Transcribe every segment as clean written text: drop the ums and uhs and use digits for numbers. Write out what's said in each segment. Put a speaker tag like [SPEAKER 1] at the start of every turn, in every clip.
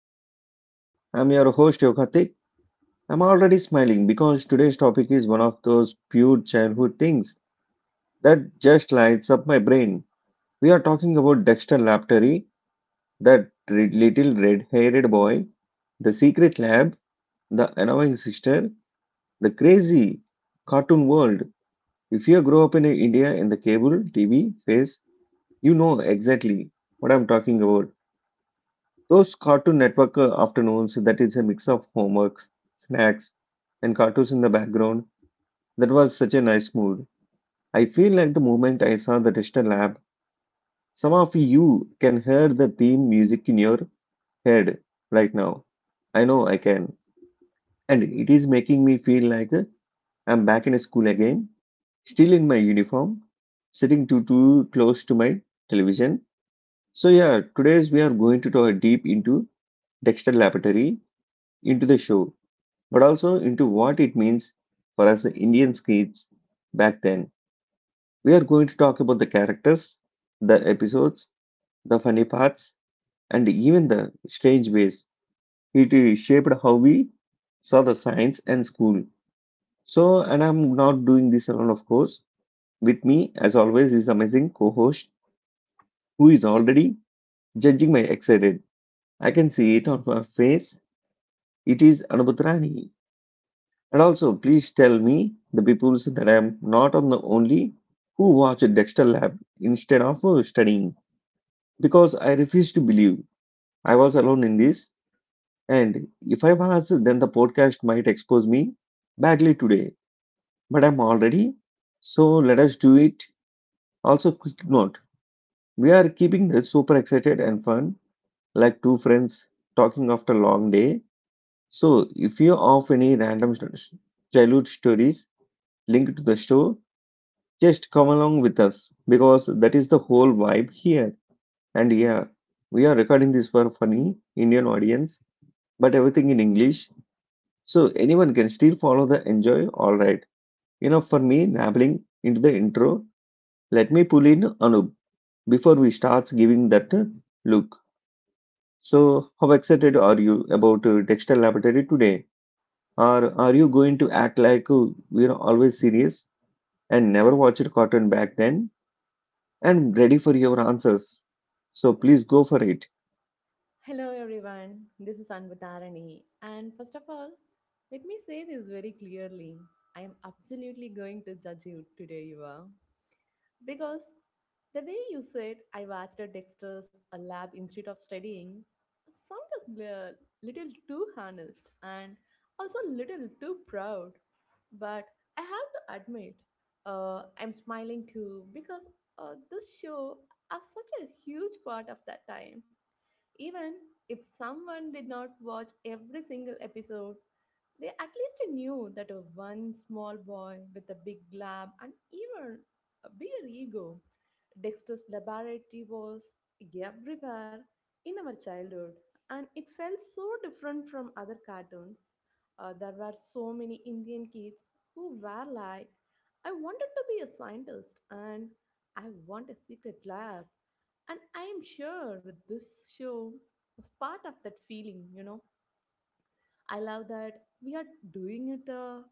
[SPEAKER 1] entertainment. I'm your host Yogatik. I'm already smiling because today's topic is one of those pure childhood things that just lights up my brain. We are talking about Dexter Laptery, that little red-haired boy, the secret lab, the annoying sister, the crazy cartoon world. If you grow up in India in the cable TV phase, you know exactly what I'm talking about. Those Cartoon Network afternoons, that is a mix of homeworks, snacks, and cartoons in the background, that was such a nice mood. I feel like the moment I saw the Tester Lab, some of you can hear the theme music in your head right now. I know I can. And it is making me feel like I'm back in school again, still in my uniform, sitting too close to my television. So yeah, today's we are going to dive deep into Dexter Laboratory, into the show but also into what it means for us Indian kids back then. We are going to talk about the characters, the episodes, the funny parts, and even the strange ways it shaped how we saw the science and school. So, and I'm not doing this alone, of course. With me, as always, is amazing co-host who is already judging my excited. I can see it on her face. It is Anubhutrani. And also, please tell me the people that I am not on the only who watch Dexter Lab instead of studying because I refuse to believe I was alone in this. And if I was, then the podcast might expose me badly today. But I'm already, so let us do it. Also, quick note: we are keeping this super excited and fun, like two friends talking after a long day. So if you have any childhood stories linked to the show, just come along with us because that is the whole vibe here. And yeah, we are recording this for a funny Indian audience, but everything in English, so anyone can still follow the enjoy. All right. You know, for me, nabbling into the intro, let me pull in Anub before we start giving that look. So, how excited are you about textile laboratory today? Or are you going to act like we are always serious and never watched cartoon back then? And ready for your answers. So please go for it.
[SPEAKER 2] Hello everyone, this is Anvatarani. And first of all, let me say this very clearly. I am absolutely going to judge you today, Yuva. Because the way you said I watched a Dexter's a lab instead of studying sounded a little too honest and also a little too proud. But I have to admit, I'm smiling too because this show is such a huge part of that time even if someone did not watch every single episode, they at least knew that a one small boy with a big lab and even a bigger ego, Dexter's laboratory was everywhere in our childhood, and it felt so different from other cartoons. There were so many Indian kids who were like, I wanted to be a scientist and I want a secret lab. And I am sure this show was part of that feeling. I love that we are doing it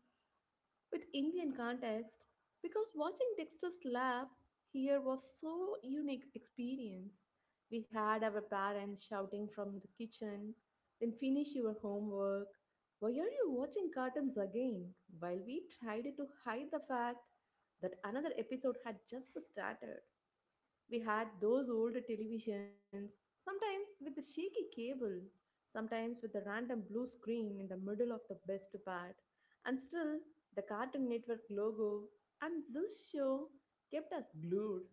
[SPEAKER 2] with Indian context because watching Dexter's Lab here was so unique experience. We had our parents shouting from the kitchen, then finish your homework. Why are you watching cartoons again? While we tried to hide the fact that another episode had just started. We had those old televisions, sometimes with a shaky cable, sometimes with a random blue screen in the middle of the best part, and still the Cartoon Network logo and this show kept us glued.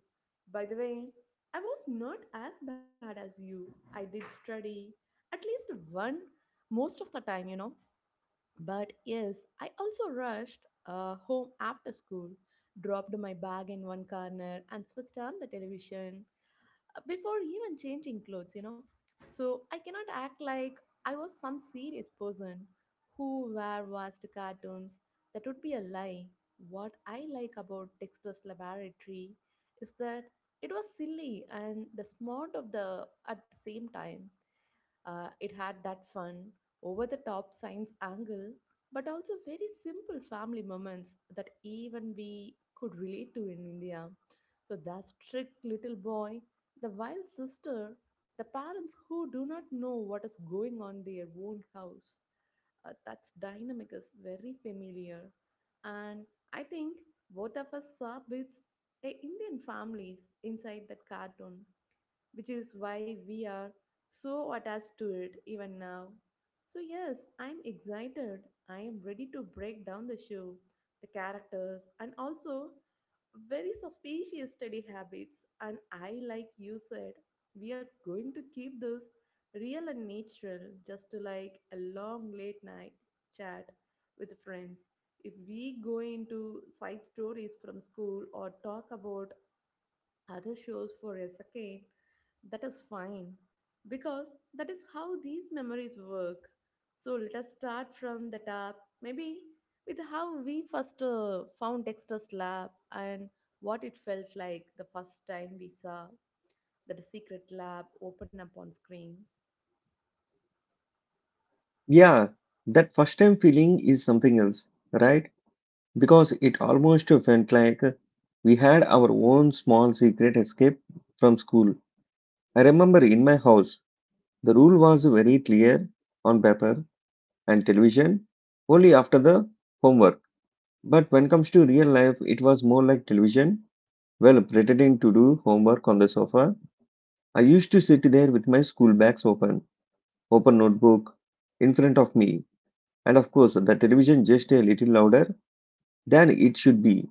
[SPEAKER 2] By the way, I was not as bad as you. I did study at least one most of the time. But yes, I also rushed home after school, dropped my bag in one corner, and switched on the television before even changing clothes. So I cannot act like I was some serious person who were watched cartoons. That would be a lie. What I like about Dexter's Laboratory is that it was silly and the smart of the at the same time. It had that fun, over the top science angle, but also very simple family moments that even we could relate to in India. So, that strict little boy, the wild sister, the parents who do not know what is going on their own house that dynamic is very familiar and I think both of us saw bits indian families inside that cartoon which is why we are so attached to it even now. So, yes, I'm excited. I am ready to break down the show, the characters, and also very suspicious study habits. And I, like you said, we are going to keep this real and natural, just like a long late night chat with friends. If we go into side stories from school or talk about other shows for a second, that is fine because that is how these memories work. So let us start from the top, maybe with how we first found Dexter's lab and what it felt like the first time we saw that secret lab open up on screen.
[SPEAKER 1] Yeah, that first time feeling is something else, right? Because it almost felt like we had our own small secret escape from school. I remember in my house, the rule was very clear on paper and television only after the homework. But when it comes to real life, it was more like television. Well, pretending to do homework on the sofa, I used to sit there with my school bags open, open notebook in front of me, and of course, the television just a little louder than it should be.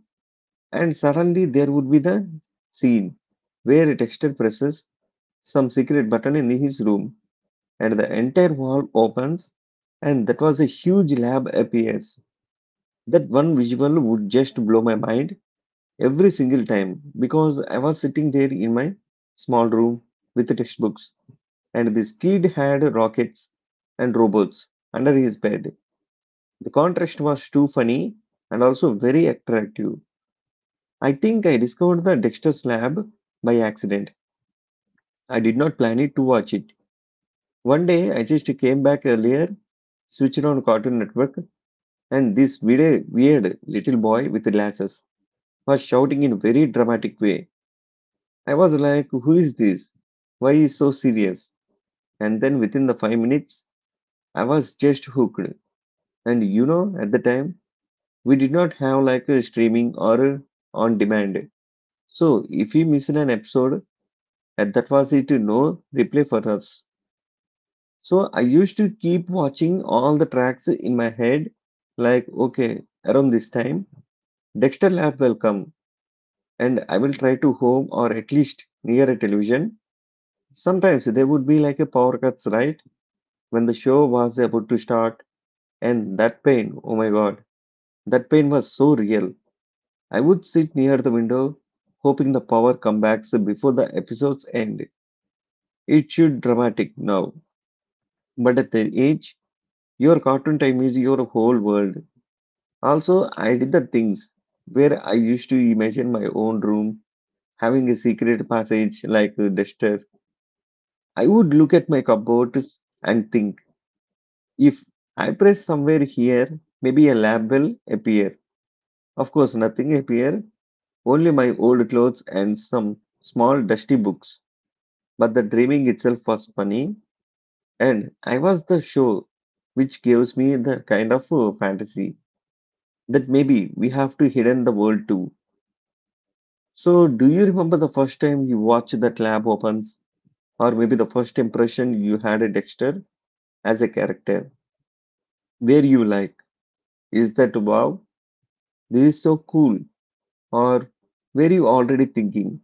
[SPEAKER 1] And suddenly, there would be the scene where a texter presses some secret button in his room, and the entire wall opens, and that was a huge lab appears. That one visual would just blow my mind every single time because I was sitting there in my small room with the textbooks, and this kid had rockets and robots under his bed. The contrast was too funny and also very attractive. I think I discovered the Dexter's Lab by accident. I did not plan it to watch it. One day I just came back earlier, switched on Cartoon Network, and this weird little boy with glasses was shouting in a very dramatic way. I was like, "Who is this? Why is so serious?" And then within the 5 minutes, I was just hooked. And you know, at the time, we did not have like a streaming or a on demand. So if we miss an episode, and that was it, no replay for us. So I used to keep watching all the tracks in my head, like okay, around this time, Dexter Lab will come, and I will try to home or at least near a television. Sometimes there would be like a power cuts, right? When the show was about to start, and that pain, oh my god, that pain was so real. I would sit near the window, hoping the power comebacks before the episodes end. It should dramatic now. But at the age, your cartoon time is your whole world. Also, I did the things where I used to imagine my own room having a secret passage like a duster. I would look at my cupboard and think, if I press somewhere here, maybe a lamp will appear. Of course, nothing appear, only my old clothes and some small dusty books. But the dreaming itself was funny, and I was the show, which gives me the kind of fantasy that maybe we have to hidden the world too. So, do you remember the first time you watched that lab opens, or maybe the first impression you had a Dexter as a character? Where you like, is that wow, this is so cool, or were you already thinking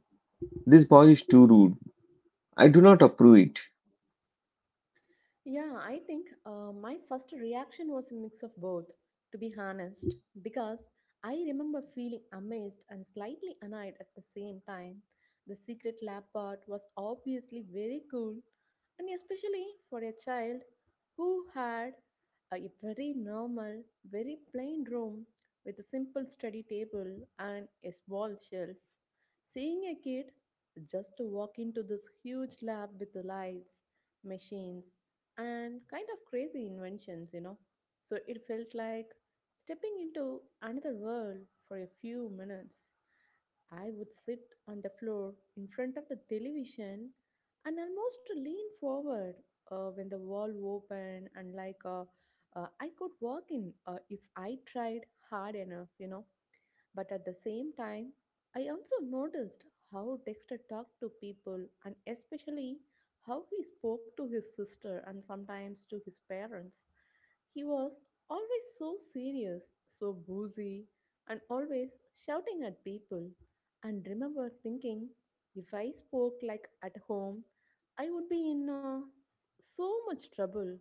[SPEAKER 1] this boy is too rude? I do not approve it.
[SPEAKER 2] Yeah, I think my first reaction was a mix of both, to be honest, because I remember feeling amazed and slightly annoyed at the same time. The secret lab part was obviously very cool, and especially for a child who had a very normal, very plain room with a simple study table and a small shelf. Seeing a kid just to walk into this huge lab with the lights machines, and kind of crazy inventions. So it felt like stepping into another world for a few minutes. I would sit on the floor in front of the television and almost lean forward when the wall opened and like I could walk in if I tried hard enough. But at the same time, I also noticed how Dexter talked to people and especially how he spoke to his sister and sometimes to his parents. He was always so serious, so boozy, and always shouting at people. And remember thinking, if I spoke like at home, I would be in so much trouble.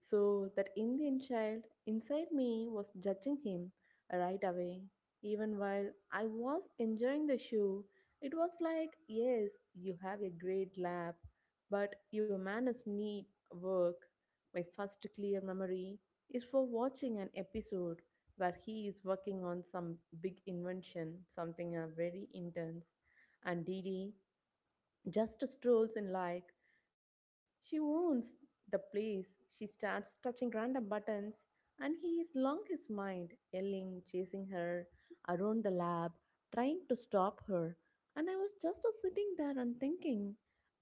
[SPEAKER 2] So that Indian child inside me was judging him right away. Even while I was enjoying the show, it was like, yes, you have a great lab, but your manners need work. My first clear memory is for watching an episode where he is working on some big invention, something very intense. And Didi just strolls in like she owns the place she starts touching random buttons and he is long his mind yelling chasing her around the lab trying to stop her and I was just sitting there and thinking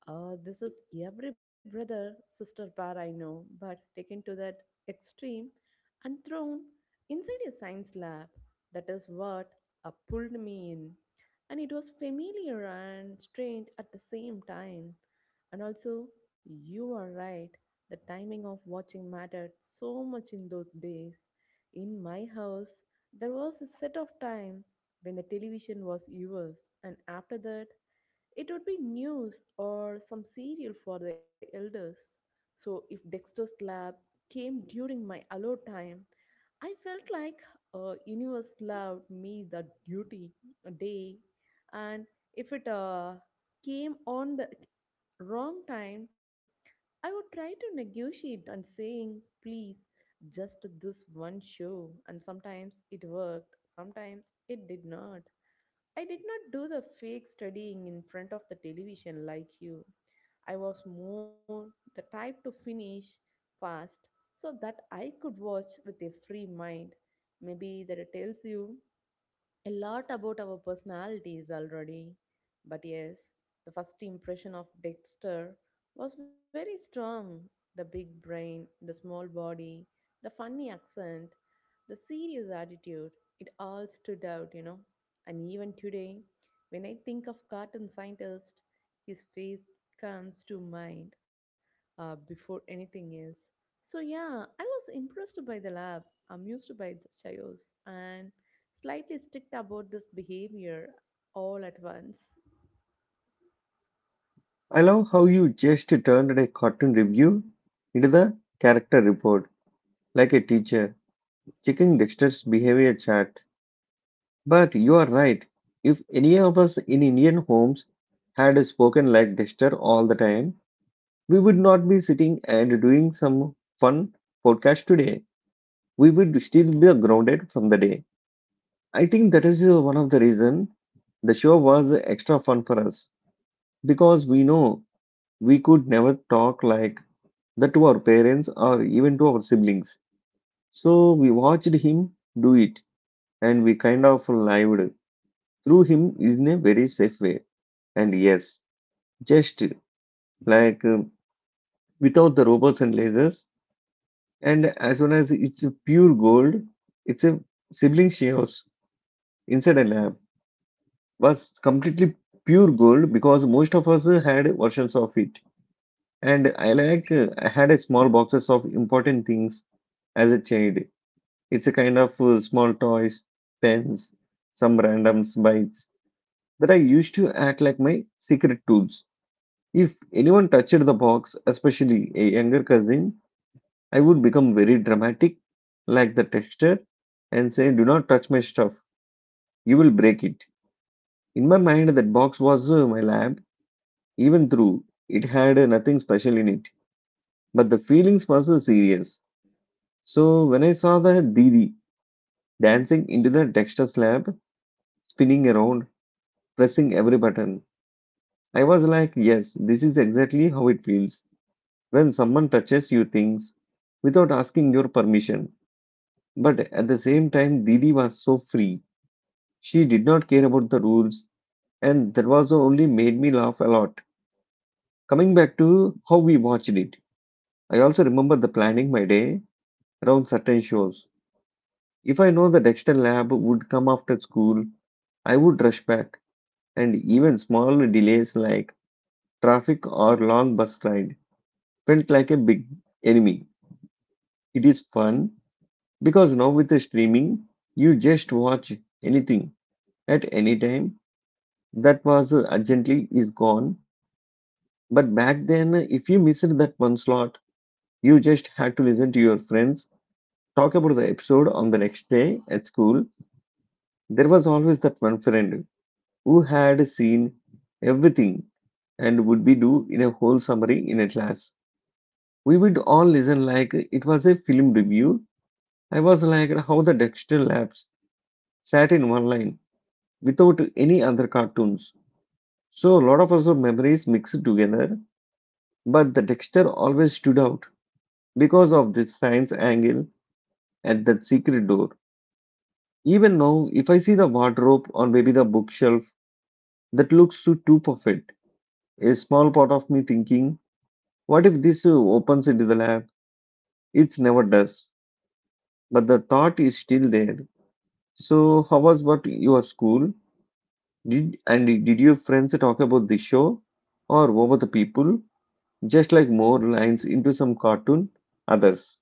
[SPEAKER 2] this is every brother sister pair I know but taken to that extreme and thrown inside a science lab that is what pulled me in and it was familiar and strange at the same time. And also, you are right, the timing of watching mattered so much in those days. In my house, there was a set of time when the television was yours, and after that, it would be news or some serial for the elders. So if Dexter's Lab came during my allowed time, I felt like universe loved me the duty a day, and if it came on the wrong time, I would try to negotiate and saying please just this one show, and sometimes it worked, sometimes it did not. I did not do the fake studying in front of the television like you. I was more the type to finish fast so that I could watch with a free mind. Maybe that tells you a lot about our personalities already. But yes, the first impression of Dexter was very strong. The big brain, the small body, the funny accent, the serious attitude, it all stood out. And even today, when I think of cartoon scientist, his face comes to mind before anything else. So yeah, I was impressed by the lab, amused by the chaos, and slightly strict about this behavior all at once.
[SPEAKER 1] I love how you just turned a cartoon review into the character report, like a teacher checking Dexter's behavior chart. But you are right. If any of us in Indian homes had spoken like Dexter all the time, we would not be sitting and doing some fun podcast today. We would still be grounded from the day. I think that is one of the reason the show was extra fun for us because we know we could never talk like that to our parents or even to our siblings. So we watched him do it and we kind of lived through him in a very safe way. And yes, just like without the robots and lasers. And as soon as it's a pure gold, it's a sibling shares inside a lab was completely pure gold because most of us had versions of it. And I had a small boxes of important things as a child. It's a kind of small toys, pens, some random bites that I used to act like my secret tools. If anyone touched the box, especially a younger cousin, I would become very dramatic, like the texture, and say, "Do not touch my stuff, you will break it." In my mind, that box was my lab, even though it had nothing special in it. But the feelings was serious. So when I saw the Didi dancing into the texture slab, spinning around, pressing every button, I was like, "Yes, this is exactly how it feels when someone touches you things without asking your permission." But at the same time, Didi was so free. She did not care about the rules, and that was only made me laugh a lot. Coming back to how we watched it, I also remember the planning my day around certain shows. If I know the Dexter lab would come after school, I would rush back, and even small delays like traffic or long bus ride felt like a big enemy. It is fun because now with the streaming, you just watch anything at any time. That was urgently is gone. But back then, if you missed that one slot, you just had to listen to your friends talk about the episode on the next day at school. There was always that one friend who had seen everything and would be do in a whole summary in a class. We would all listen like it was a film review. I was like how the Dexter Labs sat in one line without any other cartoons. So a lot of our memories mixed together, but the Dexter always stood out because of this science angle at that secret door. Even now, if I see the wardrobe or maybe the bookshelf that looks too perfect, a small part of me thinking, what if this opens into the lab? It never does. But the thought is still there. So, how was what your school? Did and did your friends talk about the show or over the people? Just like more lines into some cartoon, others.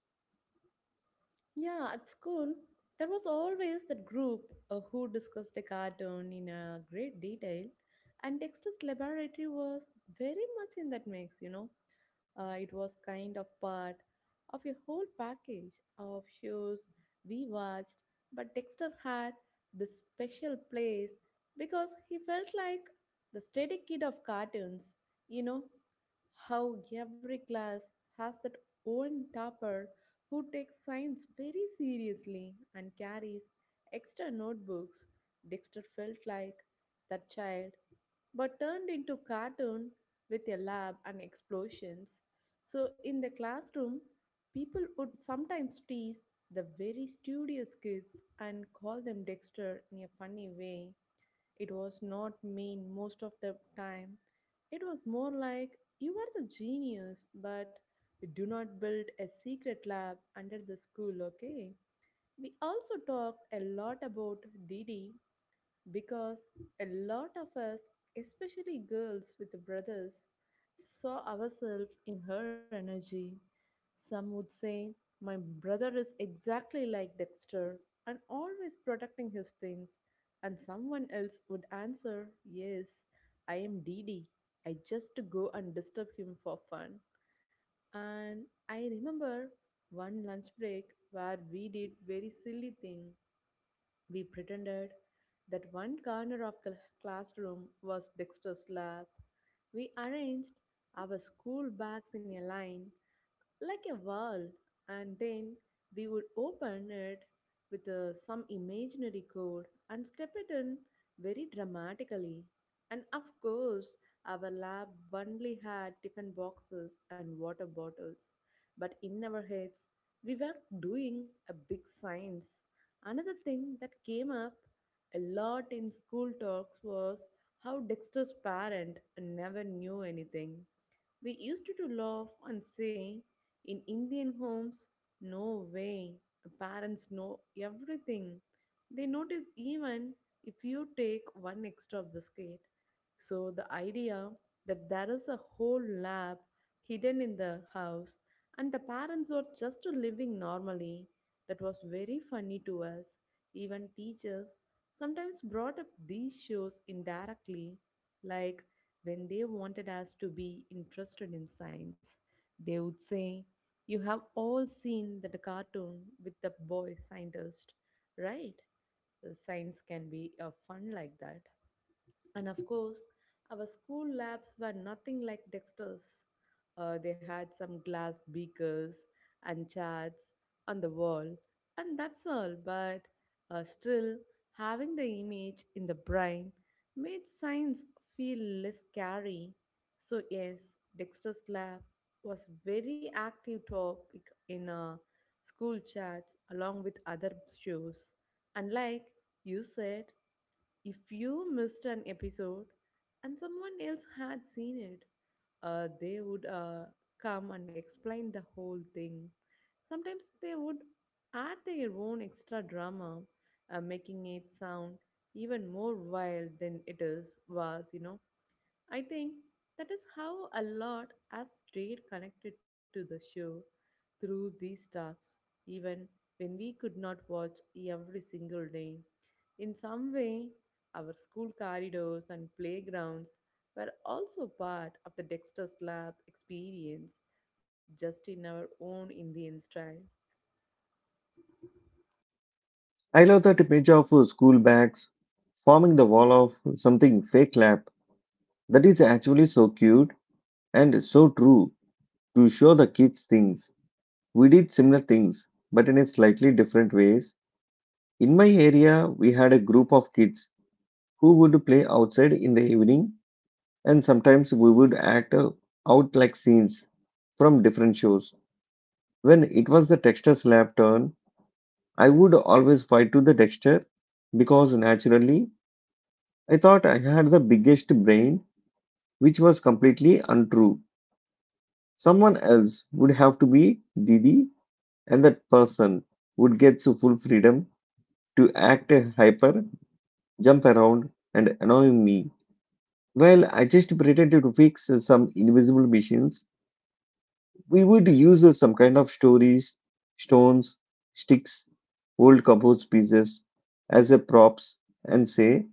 [SPEAKER 2] Yeah, at school, there was always that group who discussed a cartoon in great detail, and Dexter's laboratory was very much in that mix. It was kind of part of a whole package of shows we watched, but Dexter had this special place because he felt like the steady kid of cartoons, you know, how every class has that own topper who takes science very seriously and carries extra notebooks. Dexter felt like that child, but turned into cartoon with a lab and explosions. So in the classroom, people would sometimes tease the very studious kids and call them Dexter in a funny way it was not mean most of the time. It was more like you are the genius, but we do not build a secret lab under the school, okay? We also talked a lot about DD because a lot of us, especially girls with brothers, saw ourselves in her energy. Some would say, my brother is exactly like Dexter and always protecting his things. And someone else would answer, yes, I am Dee Dee. I just go and disturb him for fun. And I remember one lunch break where we did very silly thing we pretended that one corner of the classroom was Dexter's lab. We arranged our school bags in a line like a wall, and then we would open it with some imaginary code and step it in very dramatically. And of course, our lab only had tiffin boxes and water bottles, but in our heads, we were doing a big science. Another thing that came up a lot in school talks was how Dexter's parent never knew anything. We used to laugh and say, in Indian homes, no way, parents know everything. They notice even if you take one extra biscuit. So the idea that there is a whole lab hidden in the house and the parents are just living normally, that was very funny to us. Even teachers sometimes brought up these shows indirectly, like when they wanted us to be interested in science, they would say, you have all seen that cartoon with the boy scientist, right? The Science can be a fun like that. And of course, our school labs were nothing like Dexter's. They had some glass beakers and charts on the wall, and that's all. But still, having the image in the brain made science feel less scary. So, yes, Dexter's lab was very active topic in school chats along with other shows. And like you said, if you missed an episode and someone else had seen it, they would come and explain the whole thing. Sometimes they would add their own extra drama, making it sound even more wild than it is was, you know. I think that is how a lot has stayed connected to the show through these talks, even when we could not watch every single day. In some way, our school corridors and playgrounds were also part of the Dexter's Lab experience, just in our own Indian style.
[SPEAKER 1] I love that image of school bags forming the wall of something fake lab. That is actually so cute and so true to show the kids things. We did similar things, but in a slightly different ways. In my area, we had a group of kids who would play outside in the evening, and sometimes we would act out like scenes from different shows. When it was the texture slab turn, I would always fight to the texture because naturally I thought I had the biggest brain, which was completely untrue. Someone else would have to be Didi and that person would get to full freedom to act hyper, jump around, and annoy me. While I just pretended to fix some invisible machines. We would use some kind of stories, stones, sticks, old cupboard pieces as a props and say,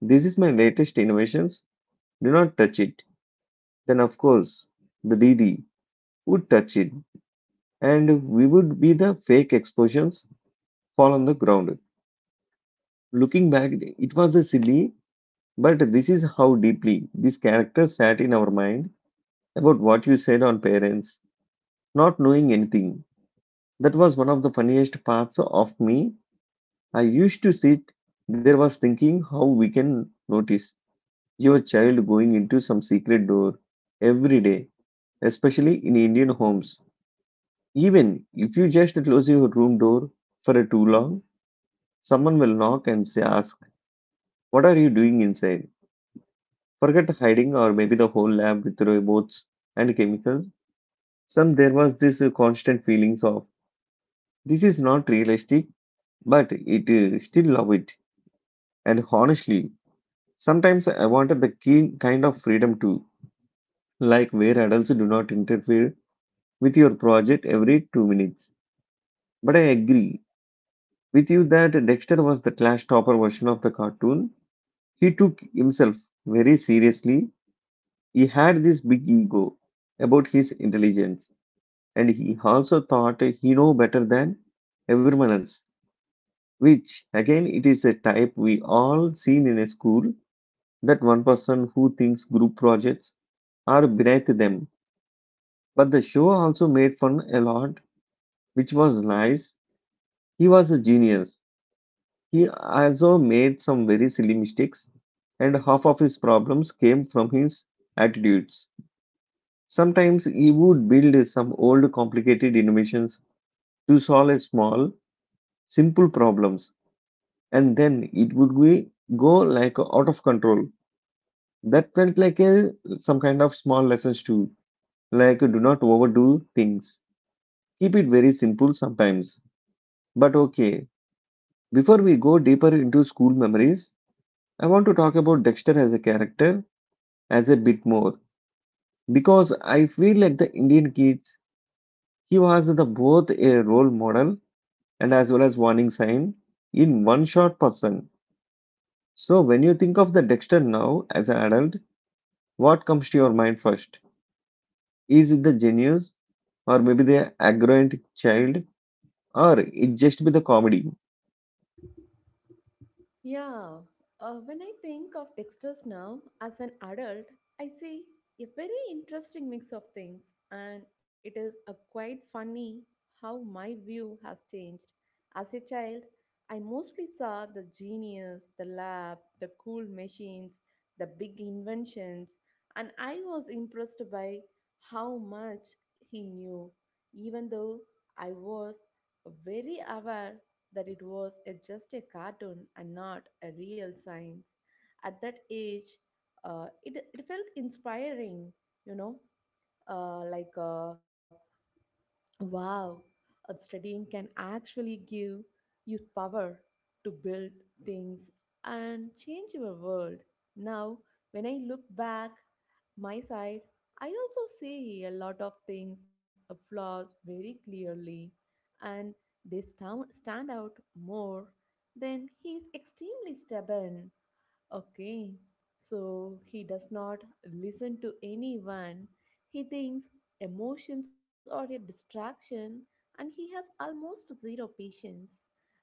[SPEAKER 1] This is my latest innovations, do not touch it. Then, of course, the DD would touch it, and we would be the fake explosions fall on the ground. Looking back, it was a silly, but this is how deeply this character sat in our mind about what you said on parents, not knowing anything. That was one of the funniest parts of me. I used to sit there was thinking how we can notice your child going into some secret door every day, especially in Indian homes. Even if you just close your room door for too long, someone will knock and say, ask, what are you doing inside? Forget hiding or maybe the whole lab with robots and chemicals. Some there was this constant feelings of this is not realistic, but it still love it. And honestly, sometimes I wanted the keen kind of freedom too, like where adults do not interfere with your project every 2 minutes. But I agree with you that Dexter was the class topper version of the cartoon. He took himself very seriously. He had this big ego about his intelligence and he also thought he know better than everyone else, which again it is a type we all seen in a school, that one person who thinks group projects are beneath them. But the show also made fun a lot, which was nice. He was a genius, he also made some very silly mistakes, and half of his problems came from his attitudes. Sometimes he would build some old complicated innovations to solve a small simple problems, and then it would be go like out of control. That felt like a some kind of small lessons too, like do not overdo things. Keep it very simple sometimes. But okay, before we go deeper into school memories, I want to talk about Dexter as a character as a bit more, because I feel like the Indian kids, he was the both a role model and as well as warning sign in one short person. So when you think of the Dexter now as an adult, what comes to your mind first? Is it the genius, or maybe the arrogant child, or it just be the comedy?
[SPEAKER 2] Yeah, when I think of Dexter's now as an adult, I see a very interesting mix of things, and it is a quite funny how my view has changed. As a child, I mostly saw the genius, the lab, the cool machines, the big inventions, and I was impressed by how much he knew, even though I was very aware that just a cartoon and not a real science. At that age, it felt inspiring, you know, like wow, studying can actually give you power to build things and change your world. Now, when I look back my side, I also see a lot of things, flaws very clearly, and they stand out more. Then he is extremely stubborn. Okay, so he does not listen to anyone. He thinks emotions are a distraction and he has almost zero patience.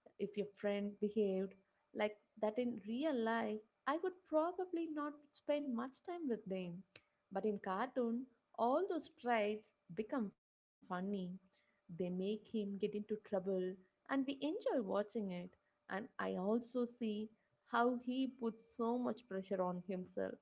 [SPEAKER 2] If your friend behaved like that in real life, I would probably not spend much time with them. But in cartoon, all those traits become funny. They make him get into trouble and we enjoy watching it. And I also see how he puts so much pressure on himself,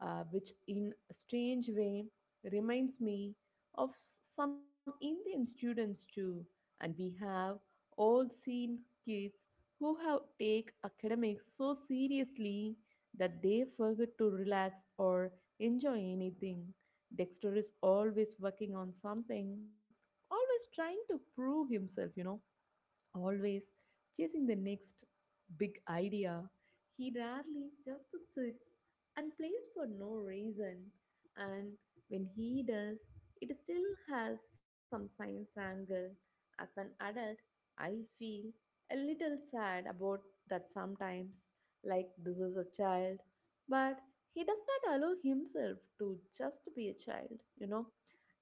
[SPEAKER 2] which in a strange way reminds me of some Indian students too. And we have all seen kids who have take academics so seriously that they forget to relax or enjoy anything. Dexter is always working on something, always trying to prove himself, you know, always chasing the next big idea. He rarely just sits and plays for no reason. And when he does, it still has some science angle. As an adult, I feel a little sad about that sometimes, like this is a child, but he does not allow himself to just be a child, you know.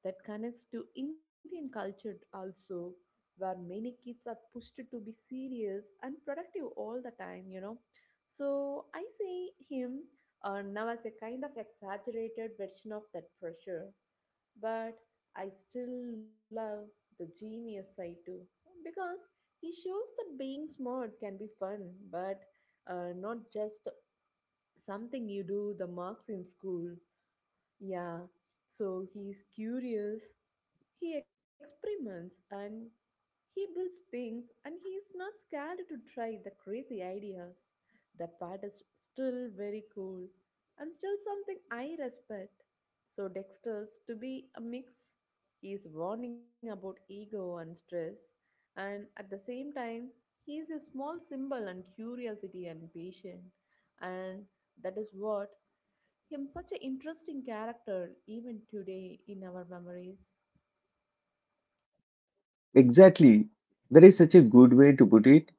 [SPEAKER 2] That connects to Indian culture also where many kids are pushed to be serious and productive all the time, you know. So I see him now as a kind of exaggerated version of that pressure, but I still love the genius side too because he shows that being smart can be fun, but not just something you do the marks in school. Yeah, so he's curious, he experiments, and he builds things and he is not scared to try the crazy ideas. That part is still very cool and still something I respect. So, Dexter's to be a mix. He is warning about ego and stress, and at the same time, he is a small symbol and curiosity and patience. And that is what him such an interesting character even today in our memories.
[SPEAKER 1] Exactly. That is such a good way to put it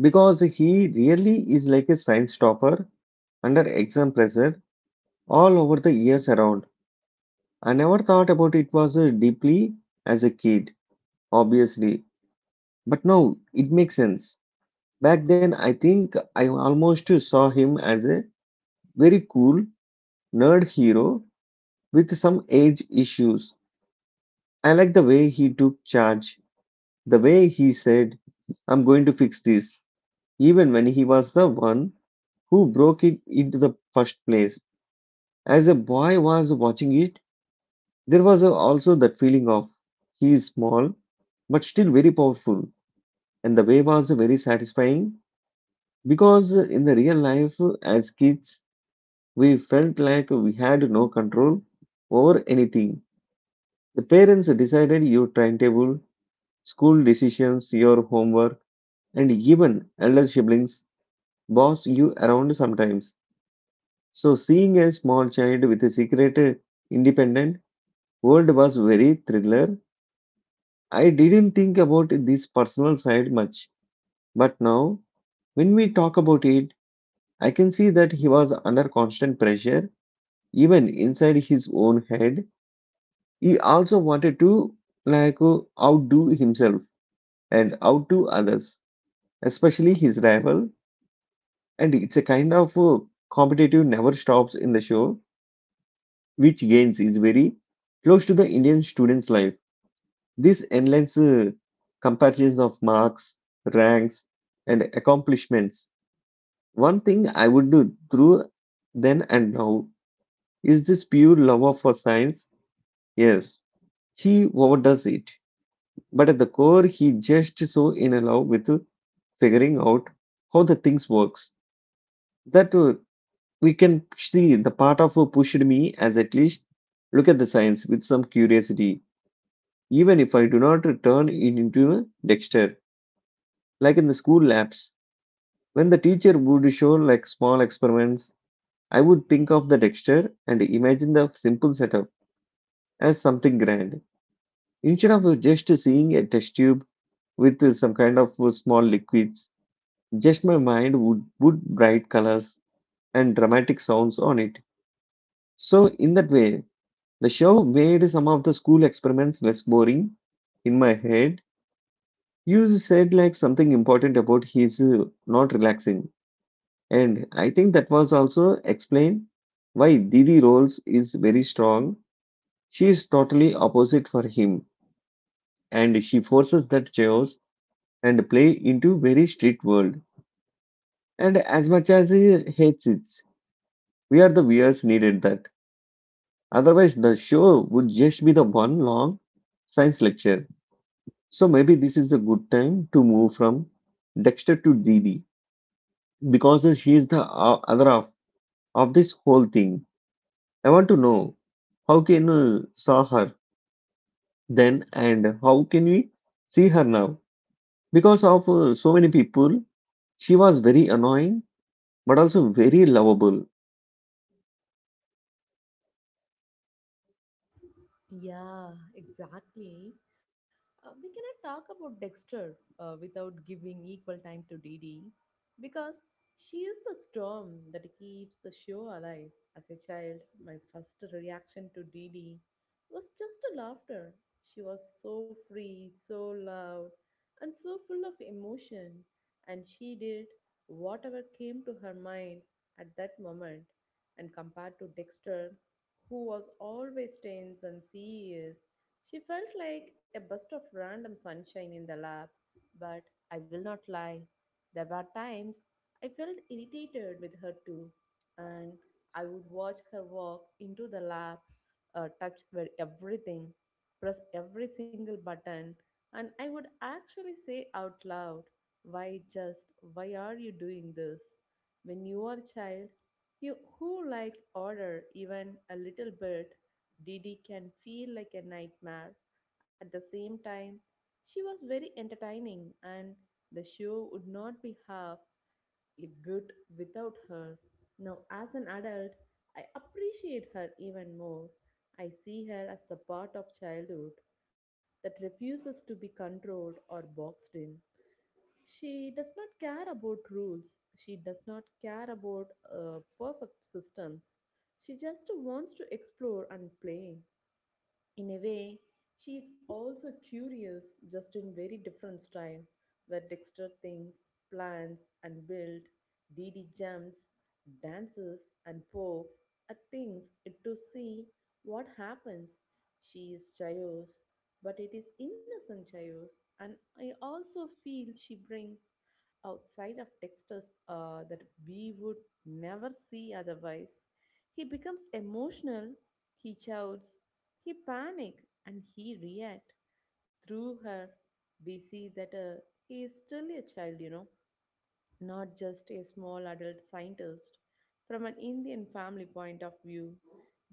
[SPEAKER 1] because he really is like a science topper under exam pressure all over the years around. I never thought about it was deeply as a kid, obviously, but now it makes sense. Back then, I think I almost saw him as a very cool nerd hero with some age issues. I like the way he took charge, the way he said, I'm going to fix this, even when he was the one who broke it into the first place. As a boy was watching it, there was also that feeling of he is small but still very powerful, and the way was very satisfying because in the real life, as kids, we felt like we had no control over anything. The parents decided your timetable, school decisions, your homework, and even elder siblings boss you around sometimes. So seeing a small child with a secret independent world was very thriller. I didn't think about this personal side much, but now when we talk about it, I can see that he was under constant pressure, even inside his own head. He also wanted to like outdo himself and outdo others, especially his rival. And it's a kind of competitive never stops in the show, which gains is very close to the Indian students life, this endless comparisons of marks, ranks, and accomplishments. One thing I would do through then and now is this pure love of for science. Yes, he overdoes it, but at the core he just so in a love with figuring out how the things works. That we can see the part of who pushed me as at least look at the science with some curiosity, even if I do not turn it into a Dexter. Like in the school labs, when the teacher would show like small experiments, I would think of the Dexter and imagine the simple setup as something grand. Instead of just seeing a test tube with some kind of small liquids, just my mind would put bright colors and dramatic sounds on it. So, in that way, the show made some of the school experiments less boring in my head. You said like something important about he's not relaxing. And I think that was also explain why Didi roles is very strong. She is totally opposite for him, and she forces that chaos and play into very strict world. And as much as he hates it, we are the viewers needed that. Otherwise the show would just be the one long science lecture. So maybe this is a good time to move from Dexter to Dee Dee because she is the other half of this whole thing. I want to know how can you saw her then and how can we see her now? Because of so many people, she was very annoying but also very lovable.
[SPEAKER 2] Yeah, exactly. We cannot talk about Dexter without giving equal time to Dee Dee because she is the storm that keeps the show alive. As a child, my first reaction to Dee Dee was just a laughter. She was so free, so loud, and so full of emotion, and she did whatever came to her mind at that moment. And compared to Dexter, who was always tense and serious. She felt like a burst of random sunshine in the lab, but I will not lie. There were times I felt irritated with her too, and I would watch her walk into the lab, touch where everything, press every single button, and I would actually say out loud, why just, why are you doing this? When you are a child, you, who likes order even a little bit, Didi can feel like a nightmare. At the same time, she was very entertaining, and the show would not be half it good without her. Now, as an adult, I appreciate her even more. I see her as the part of childhood that refuses to be controlled or boxed in. She does not care about rules. She does not care about perfect systems. She just wants to explore and play. In a way, she is also curious, just in very different style, where Dexter thinks, plans, and builds, Dee Dee jumps, dances, and pokes at things to see what happens. She is chaos, but it is innocent chaos, and I also feel she brings outside of Dexter's that we would never see otherwise. He becomes emotional, he shouts, he panic and he react. Through her, we see that he is still a child, you know, not just a small adult scientist. From an Indian family point of view,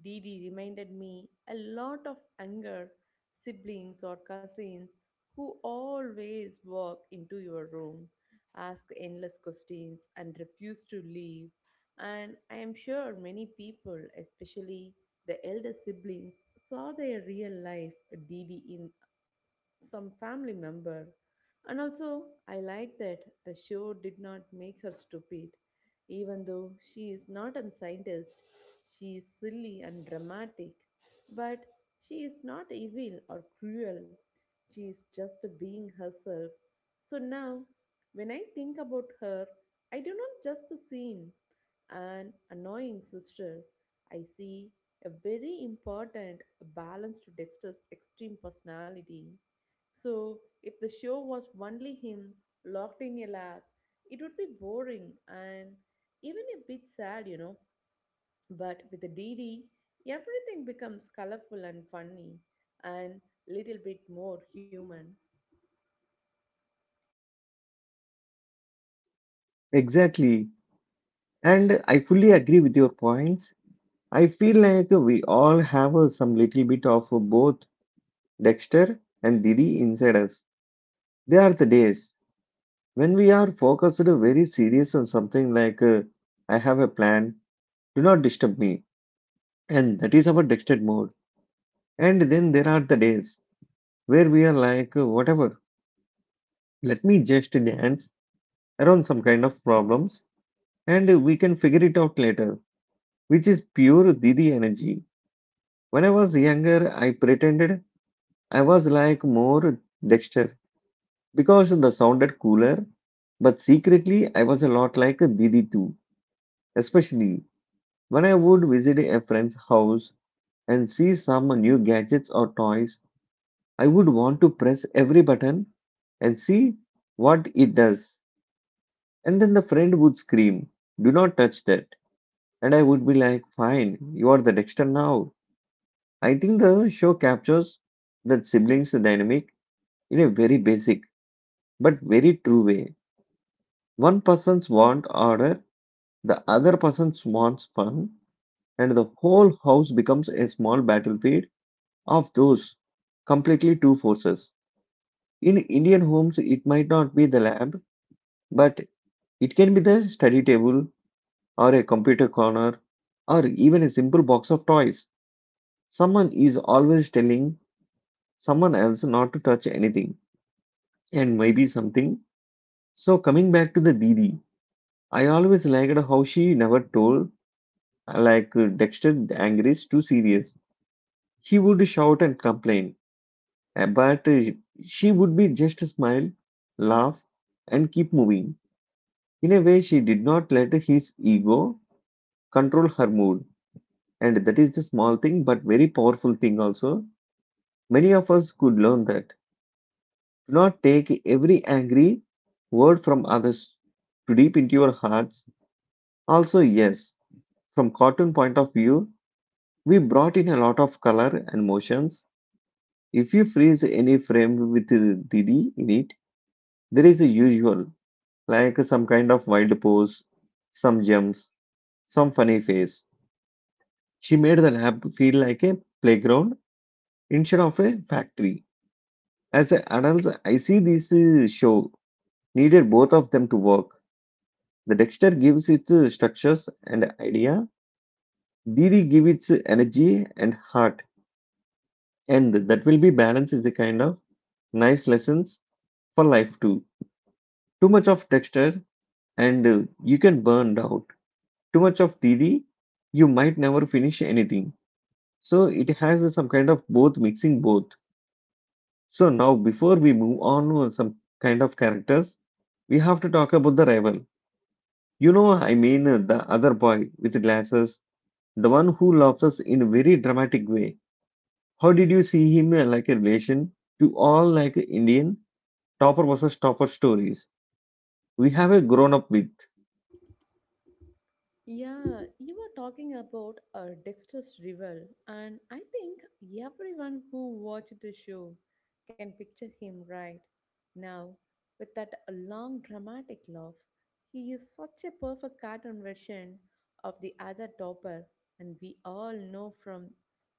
[SPEAKER 2] Didi reminded me a lot of younger siblings or cousins who always walk into your room, ask endless questions, and refuse to leave. And I am sure many people, especially the elder siblings, saw their real life Didi in some family member. And also, I like that the show did not make her stupid. Even though she is not a scientist, she is silly and dramatic. But she is not evil or cruel. She is just being herself. So now, when I think about her, I do not just see an annoying sister. I see a very important balance to Dexter's extreme personality. So, if the show was only him locked in a lab, it would be boring and even a bit sad, you know. But with the D D, everything becomes colorful and funny and little bit more human.
[SPEAKER 1] Exactly. And I fully agree with your points. I feel like we all have some little bit of both Dexter and Didi inside us. They are the days when we are focused very serious on something like, I have a plan, do not disturb me, and that is our dictated mode. And then there are the days where we are like, whatever, let me just dance around some kind of problems and we can figure it out later, which is pure Didi energy. When I was younger, I pretended I was like more Dexter because the sounded cooler, but secretly I was a lot like Didi too, especially when I would visit a friend's house and see some new gadgets or toys, I would want to press every button and see what it does. And then the friend would scream, Do not touch that. And I would be like, Fine, you are the Dexter now. I think the show captures that siblings dynamic in a very basic but very true way. One person's want order, the other person's wants fun, and the whole house becomes a small battlefield of those completely two forces. In Indian homes, it might not be the lab, but it can be the study table or a computer corner or even a simple box of toys. Someone is always telling someone else not to touch anything and maybe something. So, coming back to the Didi, I always liked how she never told, like Dexter the Angry is too serious. He would shout and complain, but she would be just smile, laugh, and keep moving. In a way, she did not let his ego control her mood. And that is the small thing, but very powerful thing also. Many of us could learn that. Do not take every angry word from others too deep into your hearts. Also, yes, from cartoon point of view, we brought in a lot of color and motions. If you freeze any frame with Didi in it, there is a usual, like some kind of wild pose, some jumps, some funny face. She made the lab feel like a playground instead of a factory. As an adult, I see this show needed both of them to work. The Dexter gives its structures and idea, Didi gives its energy and heart, and that will be balance is a kind of nice lessons for life too. Too much of Dexter and you can burn out. Too much of Didi, you might never finish anything. So it has some kind of both mixing both. So now before we move on to some kind of characters, we have to talk about the rival. You know, I mean the other boy with glasses, the one who loves us in a very dramatic way. How did you see him like a relation to all like Indian topper versus topper stories we have a grown up with?
[SPEAKER 2] Yeah, you were talking about Dexter's Rival, and I think everyone who watched the show can picture him right now with that long dramatic laugh. He is such a perfect cartoon version of the other topper, and we all know from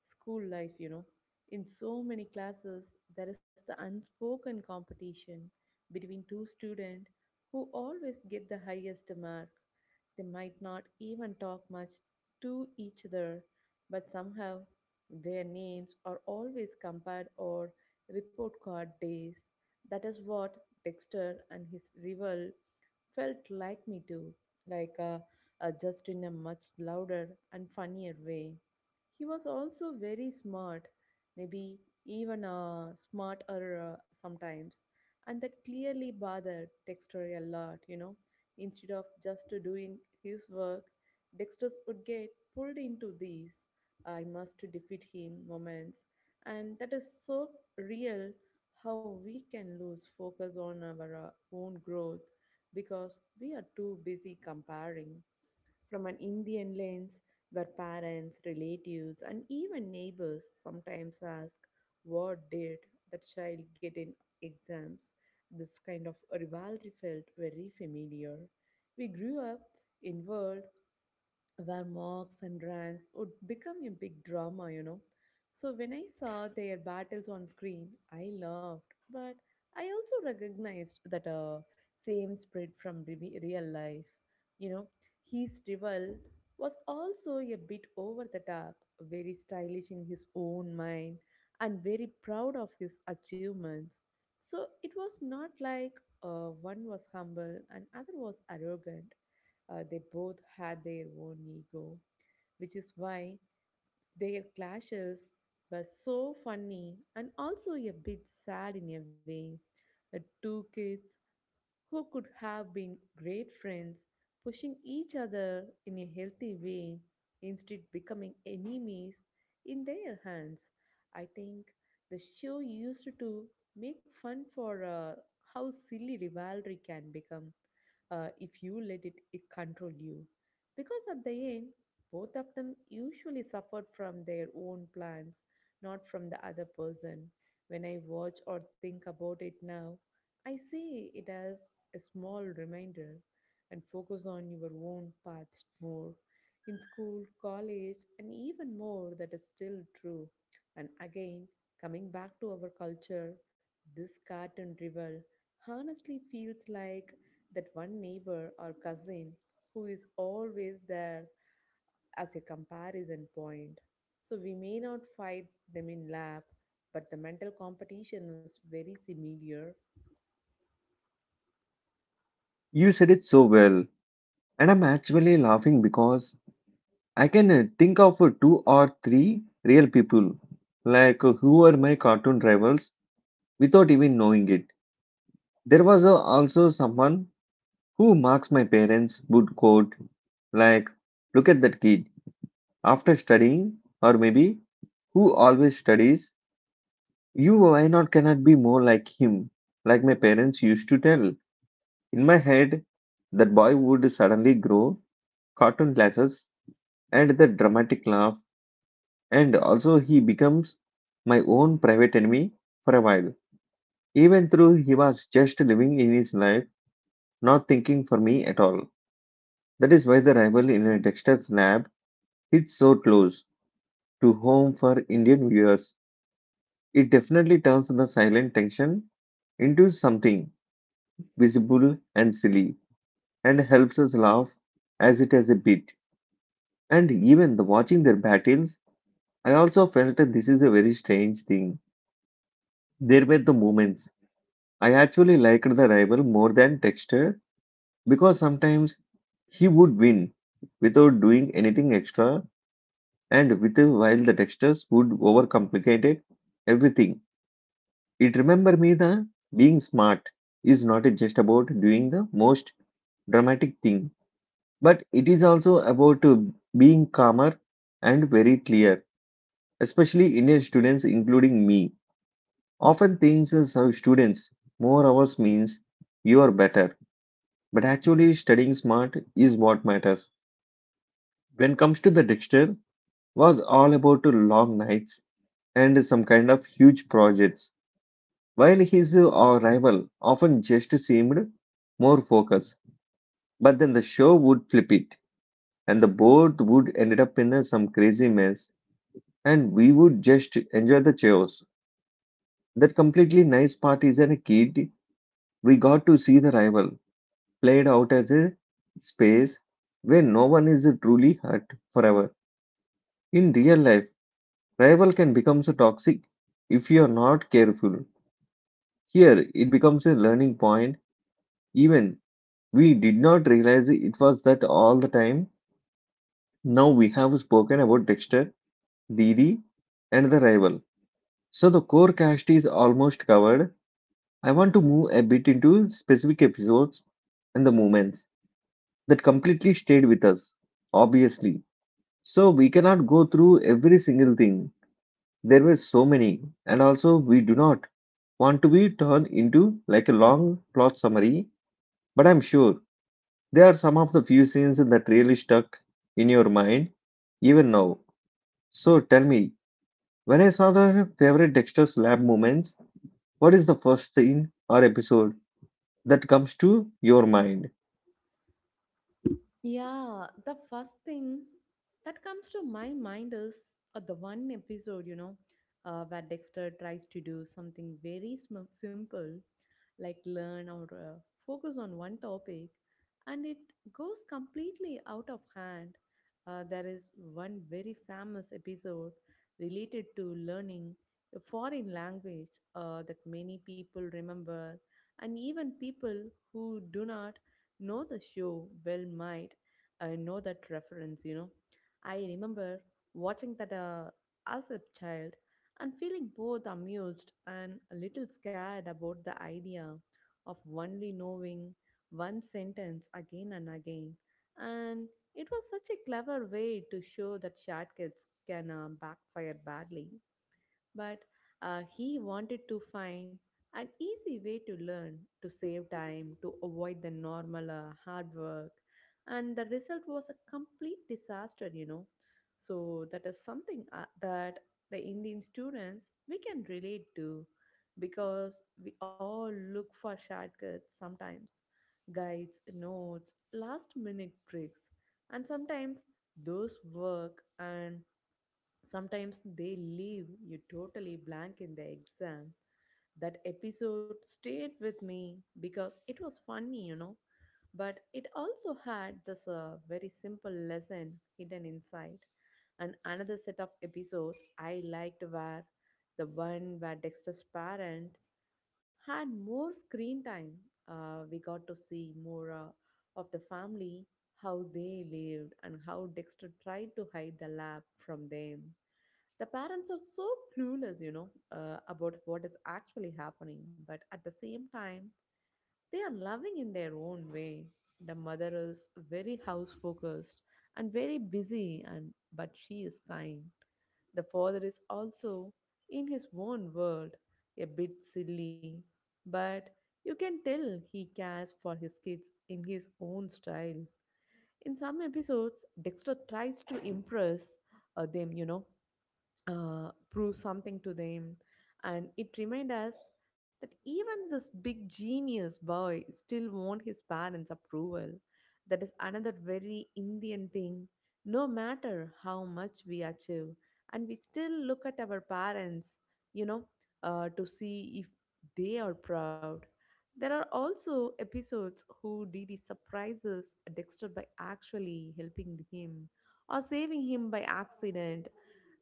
[SPEAKER 2] school life, you know. In so many classes, there is the unspoken competition between two students who always get the highest mark. They might not even talk much to each other, but somehow their names are always compared or report card days. That is what Dexter and his rival felt like me too, like just in a much louder and funnier way. He was also very smart, maybe even smarter sometimes, and that clearly bothered Dexter a lot, you know. Instead of just doing his work, Dexter's would get pulled into these I must defeat him moments, and that is so real how we can lose focus on our own growth because we are too busy comparing from an Indian lens where parents, relatives, and even neighbors sometimes ask, what did that child get in exams? This kind of rivalry felt very familiar. We grew up in world where marks and ranks would become a big drama, you know. So when I saw their battles on screen, I loved, but I also recognized that same spread from real life. You know, his rival was also a bit over the top, very stylish in his own mind, and very proud of his achievements. So it was not like one was humble and other was arrogant. They both had their own ego, which is why their clashes were so funny and also a bit sad in a way. The two kids who could have been great friends, pushing each other in a healthy way instead becoming enemies in their hands. I think the show used to make fun for how silly rivalry can become if you let it, it control you. Because at the end, both of them usually suffered from their own plans, not from the other person. When I watch or think about it now, I see it as a small reminder and focus on your own paths more. In school, college, and even more, that is still true. And again, coming back to our culture, this cartoon rival honestly feels like that one neighbor or cousin who is always there as a comparison point. So we may not fight them in lab, but the mental competition is very similar.
[SPEAKER 1] You said it so well, and I'm actually laughing because I can think of two or three real people, like who were my cartoon rivals without even knowing it. There was also someone who marks my parents would quote, like, look at that kid after studying, or maybe who always studies. You why not cannot be more like him, like my parents used to tell. In my head, that boy would suddenly grow cartoon glasses and the dramatic laugh, and also he becomes my own private enemy for a while, even though he was just living in his life, not thinking for me at all. That is why the rival in a Dexter's lab hits so close to home for Indian viewers. It definitely turns the silent tension into something visible and silly, and helps us laugh as it has a bit. And even the watching their battles, I also felt that this is a very strange thing. There were the moments I actually liked the rival more than Texter, because sometimes he would win without doing anything extra, and with while the Texters would overcomplicate everything. It remember me that being smart is not just about doing the most dramatic thing, but it is also about being calmer and very clear. Especially Indian students, including me, often thinks as our students more hours means you are better. But actually, studying smart is what matters. When comes to the Dexter, was all about long nights and some kind of huge projects. While his rival often just seemed more focused, but then the show would flip it, and the boat would end up in some crazy mess, and we would just enjoy the chaos. That completely nice part is as a kid, we got to see the rival played out as a space where no one is truly hurt forever. In real life, rival can become so toxic if you are not careful. Here, it becomes a learning point. Even we did not realize it was that all the time. Now we have spoken about Dexter, Didi, and the rival. So the core cast is almost covered. I want to move a bit into specific episodes and the moments that completely stayed with us, obviously. So we cannot go through every single thing. There were so many, and also we do not want to be turned into like a long plot summary, but I'm sure there are some of the few scenes that really stuck in your mind even now. So tell me, when I saw the favorite Dexter's lab moments, what is the first scene or episode that comes to your mind?
[SPEAKER 2] Yeah, the first thing that comes to my mind is the one episode, you know, where Dexter tries to do something very simple, like learn or focus on one topic, and it goes completely out of hand. There is one very famous episode related to learning a foreign language that many people remember, and even people who do not know the show well might I know that reference, you know. I remember watching that as a child and feeling both amused and a little scared about the idea of only knowing one sentence again and again. And it was such a clever way to show that shortcuts can backfire badly, but he wanted to find an easy way to learn, to save time, to avoid the normal hard work. And the result was a complete disaster, you know. So, that is something that the Indian students we can relate to because we all look for shortcuts sometimes, guides, notes, last minute tricks, and sometimes those work and sometimes they leave you totally blank in the exam. That episode stayed with me because it was funny, but it also had this very simple lesson hidden inside. And another set of episodes I liked were the one where Dexter's parent had more screen time. We got to see more of the family, how they lived and how Dexter tried to hide the lab from them. The parents are so clueless, you know, about what is actually happening, but at the same time, they are loving in their own way. The mother is very house focused and very busy, and but she is kind. The father is also in his own world, a bit silly, but you can tell he cares for his kids in his own style. In some episodes, Dexter tries to impress them, you know, prove something to them. And it reminded us that even this big genius boy still want his parents' approval. That is another very Indian thing. No matter how much we achieve, and we still look at our parents, you know, to see if they are proud. There are also episodes who Didi surprises Dexter by actually helping him or saving him by accident.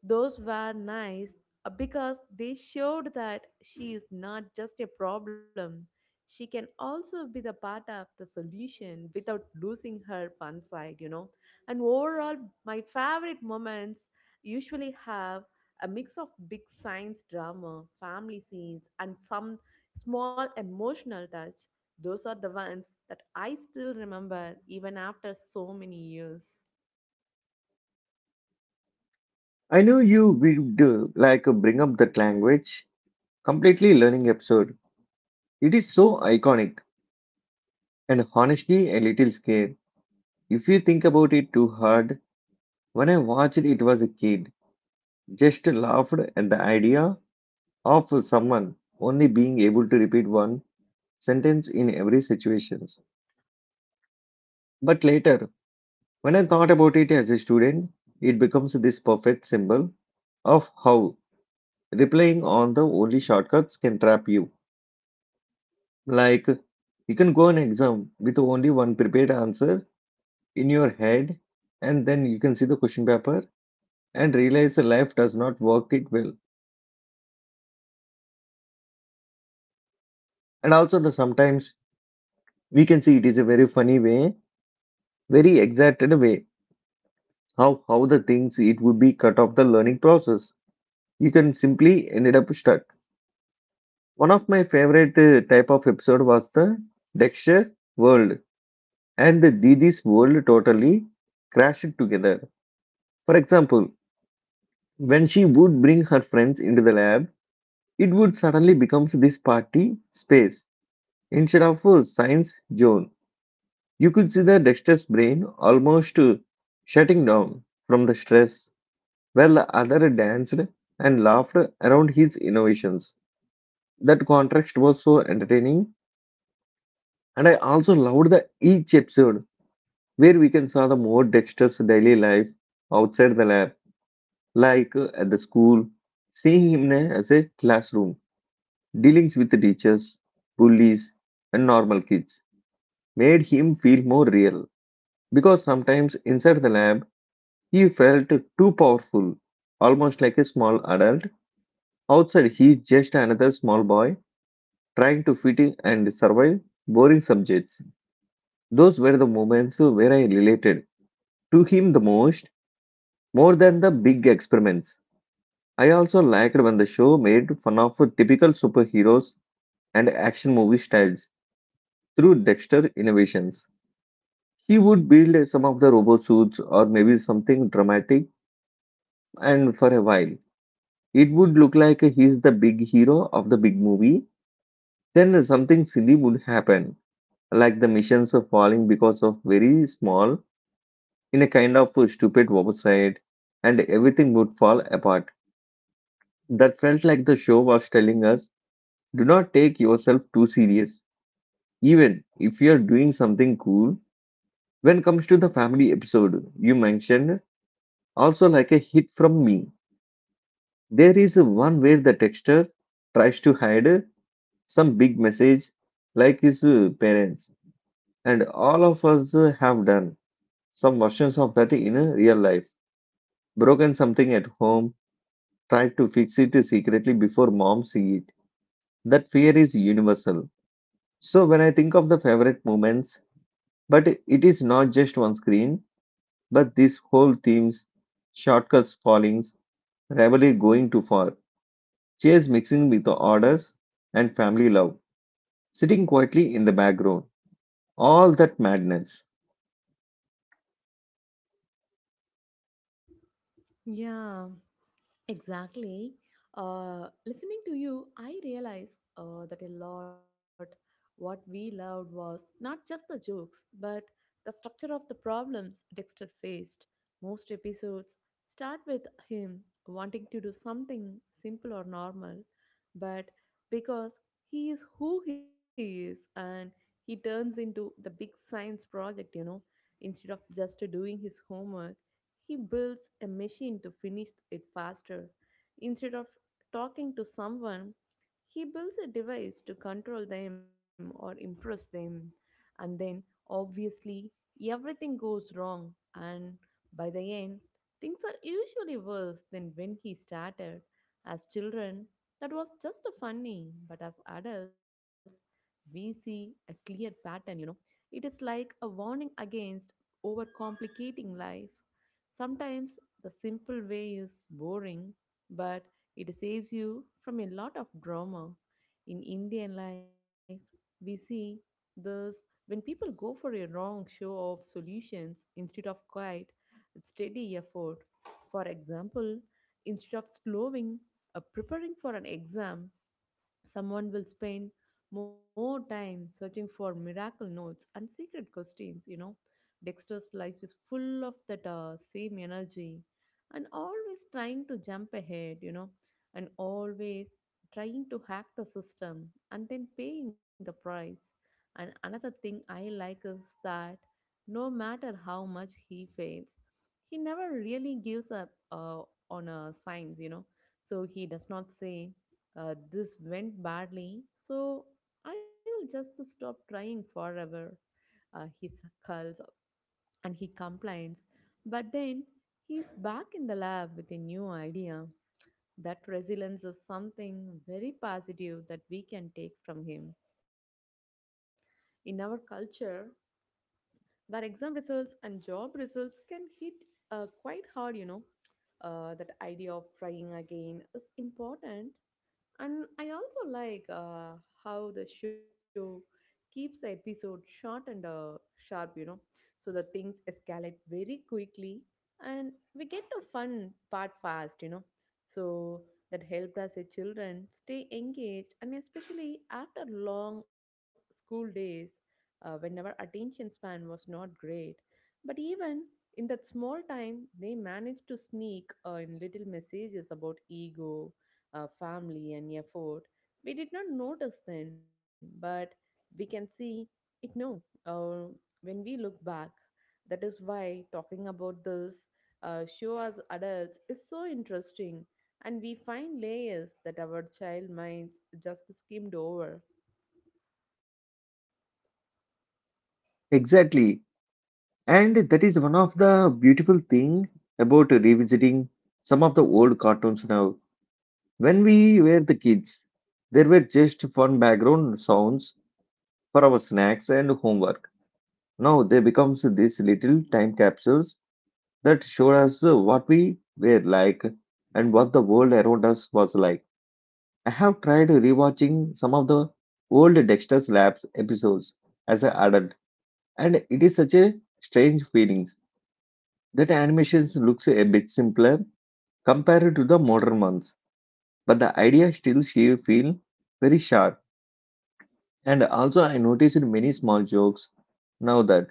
[SPEAKER 2] Those were nice because they showed that she is not just a problem. She can also be the part of the solution without losing her fun side, you know. And overall, my favorite moments usually have a mix of big science drama, family scenes, and some small emotional touch. Those are the ones that I still remember even after so many years.
[SPEAKER 1] I know you would like bring up that language completely learning episode. It is so iconic and honestly a little scary if you think about it too hard. When I watched it was a kid. Just laughed at the idea of someone only being able to repeat one sentence in every situation. But later, when I thought about it as a student, it becomes this perfect symbol of how replying on the only shortcuts can trap you. Like, you can go an exam with only one prepared answer in your head, and then you can see the question paper and realize life does not work it well. And also, the sometimes we can see it is a very funny way, very exerted way, how the things it would be cut off the learning process, you can simply ended up stuck. One of my favorite type of episode was the Dexter world and the Didi's world totally crashed together. For example, when she would bring her friends into the lab, it would suddenly becomes this party space instead of a science zone. You could see the Dexter's brain almost shutting down from the stress, while the other danced and laughed around his innovations. That contrast was so entertaining, and I also loved the each episode where we can saw the more Dexter's daily life outside the lab, like at the school, seeing him as a classroom, dealings with teachers, bullies, and normal kids made him feel more real. Because sometimes inside the lab, he felt too powerful, almost like a small adult. Outside, he's just another small boy trying to fit in and survive boring subjects. Those were the moments where I related to him the most, more than the big experiments. I also liked when the show made fun of typical superheroes and action movie styles through Dexter innovations. He would build some of the robot suits or maybe something dramatic, and for a while, it would look like he's the big hero of the big movie. Then something silly would happen, like the missions falling because of very small in a kind of stupid oversight, and everything would fall apart. That felt like the show was telling us, do not take yourself too serious, even if you're doing something cool. When it comes to the family episode you mentioned, also like a hit from me, there is one where the texture tries to hide some big message like his parents, and all of us have done some versions of that in real life, broken something at home, try to fix it secretly before mom see it. That fear is universal. So when I think of the favorite moments, but it is not just one screen, but these whole themes, shortcuts fallings, rivalry going too far, chase mixing with the orders, and family love, sitting quietly in the background. All that madness.
[SPEAKER 2] Yeah. Exactly. Listening to you, I realize that a lot what we loved was not just the jokes, but the structure of the problems Dexter faced. Most episodes start with him wanting to do something simple or normal, but because he is who he is and he turns into the big science project, you know. Instead of just doing his homework he builds a machine to finish it faster. Instead of talking to someone, he builds a device to control them or impress them. And then, obviously, everything goes wrong, and by the end, things are usually worse than when he started. As children, that was just funny, but as adults, we see a clear pattern, you know. It is like a warning against overcomplicating life. Sometimes the simple way is boring, but it saves you from a lot of drama. In Indian life, we see this when people go for a wrong show of solutions instead of quiet, steady effort. For example, instead of slowing, preparing for an exam, someone will spend more time searching for miracle notes and secret questions, you know. Dexter's life is full of that same energy, and always trying to jump ahead, you know, and always trying to hack the system and then paying the price. And another thing I like is that no matter how much he fails, he never really gives up on science, you know. So he does not say, this went badly, so I will just to stop trying forever. He curls and he complains, but then he's back in the lab with a new idea. That resilience is something very positive that we can take from him. In our culture, where exam results and job results can hit quite hard, you know, that idea of trying again is important. And I also like how the show keeps the episode short and sharp, you know, so the things escalate very quickly and we get the fun part fast, you know. So that helped us as children stay engaged, and especially after long school days when our attention span was not great. But even in that small time, they managed to sneak in little messages about ego, family, and effort. We did not notice then, but we can see it now, uh, when we look back. That is why talking about this show as adults is so interesting, and we find layers that our child minds just skimmed over.
[SPEAKER 1] Exactly. And that is one of the beautiful thing about revisiting some of the old cartoons now. When we were the kids, there were just fun background sounds for our snacks and homework. Now they becomes these little time capsules that show us what we were like and what the world around us was like. I have tried rewatching some of the old Dexter's Labs episodes as an adult, and it is such a strange feeling that animations looks a bit simpler compared to the modern ones, but the idea still she feel very sharp. And also, I noticed many small jokes now that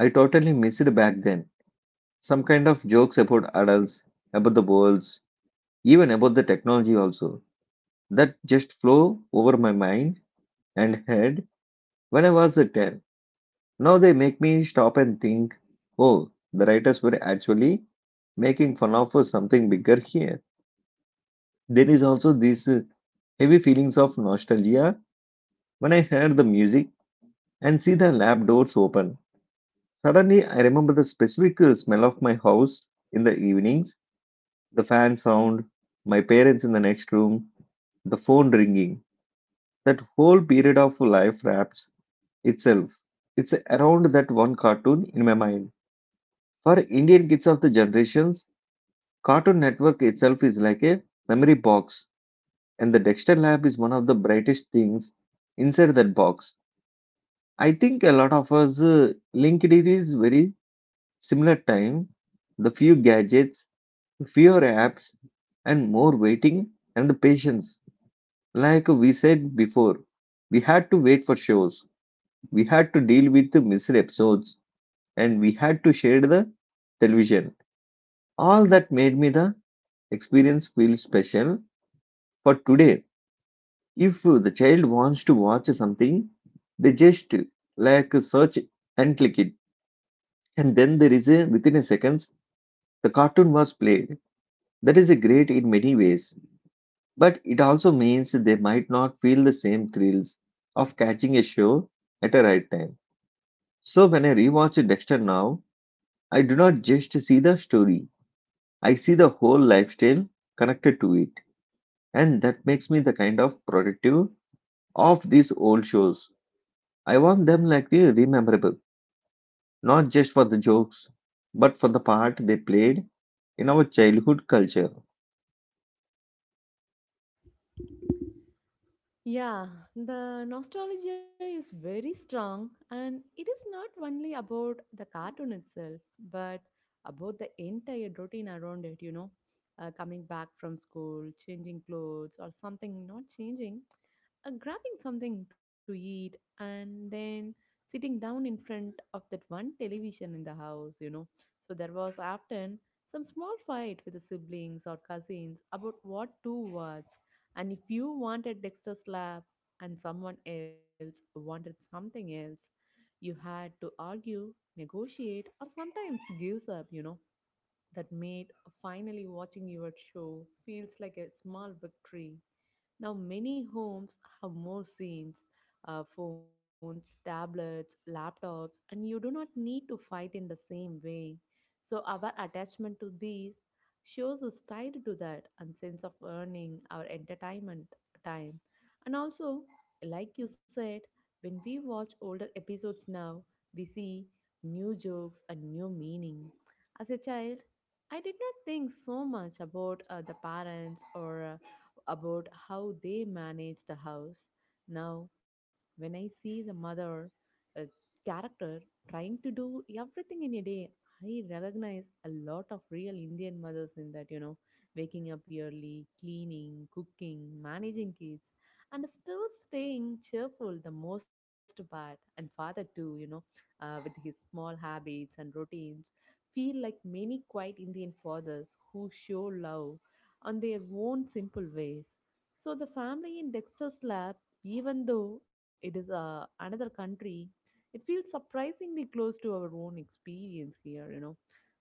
[SPEAKER 1] I totally missed back then. Some kind of jokes about adults, about the worlds, even about the technology also. That just flow over my mind and head when I was a 10. Now they make me stop and think, oh, the writers were actually making fun of something bigger here. There is also this heavy feelings of nostalgia when I hear the music and see the lab doors open. Suddenly, I remember the specific smell of my house in the evenings, the fan sound, my parents in the next room, the phone ringing. That whole period of life wraps itself. It's around that one cartoon in my mind. For Indian kids of the generations, Cartoon Network itself is like a memory box, and the Dexter Lab is one of the brightest things inside that box. I think a lot of us linked it is very similar time, the few gadgets, fewer apps, and more waiting and patience. Like we said before, we had to wait for shows, we had to deal with the missed episodes, and we had to share the television. All that made me the experience feel special for today. If the child wants to watch something, they just like search and click it, and then there is a within a seconds the cartoon was played. That is a great in many ways, but it also means they might not feel the same thrills of catching a show at a right time. So when I rewatch Dexter now, I do not just see the story, I see the whole lifestyle connected to it. And that makes me the kind of productive of these old shows. I want them like really memorable, not just for the jokes, but for the part they played in our childhood culture.
[SPEAKER 2] Yeah, the nostalgia is very strong, and it is not only about the cartoon itself, but about the entire routine around it, you know, coming back from school, changing clothes, or something not changing, grabbing something to eat and then sitting down in front of that one television in the house, you know. So there was often some small fight with the siblings or cousins about what to watch. And if you wanted Dexter's Lab and someone else wanted something else, you had to argue, negotiate, or sometimes gives up, you know. That made finally watching your show feels like a small victory. Now, many homes have more scenes, phones, tablets, laptops, and you do not need to fight in the same way. So, our attachment to these shows is tied to that and sense of earning our entertainment time. And also, like you said, when we watch older episodes now, we see new jokes and new meaning. As a child, I did not think so much about the parents or about how they manage the house. Now, when I see the mother, a character trying to do everything in a day, I recognize a lot of real Indian mothers in that, you know, waking up early, cleaning, cooking, managing kids, and still staying cheerful the most part. And father, too, you know, with his small habits and routines, feel like many quiet Indian fathers who show love on their own simple ways. So the family in Dexter's lab, even though it is another country, it feels surprisingly close to our own experience here, you know.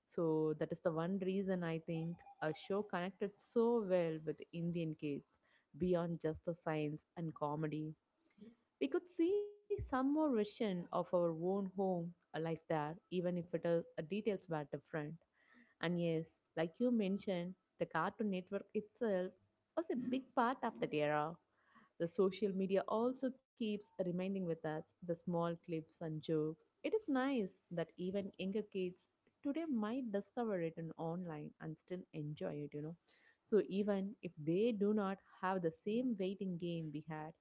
[SPEAKER 2] So that is the one reason I think a show connected so well with Indian kids beyond just the science and comedy. We could see some more vision of our own home, a life there, even if it is, details were different. And yes, like you mentioned, the Cartoon Network itself was a big part of that era. The social media also keeps reminding with us the small clips and jokes. It is nice that even younger kids today might discover it in online and still enjoy it, you know. So even if they do not have the same waiting game we had,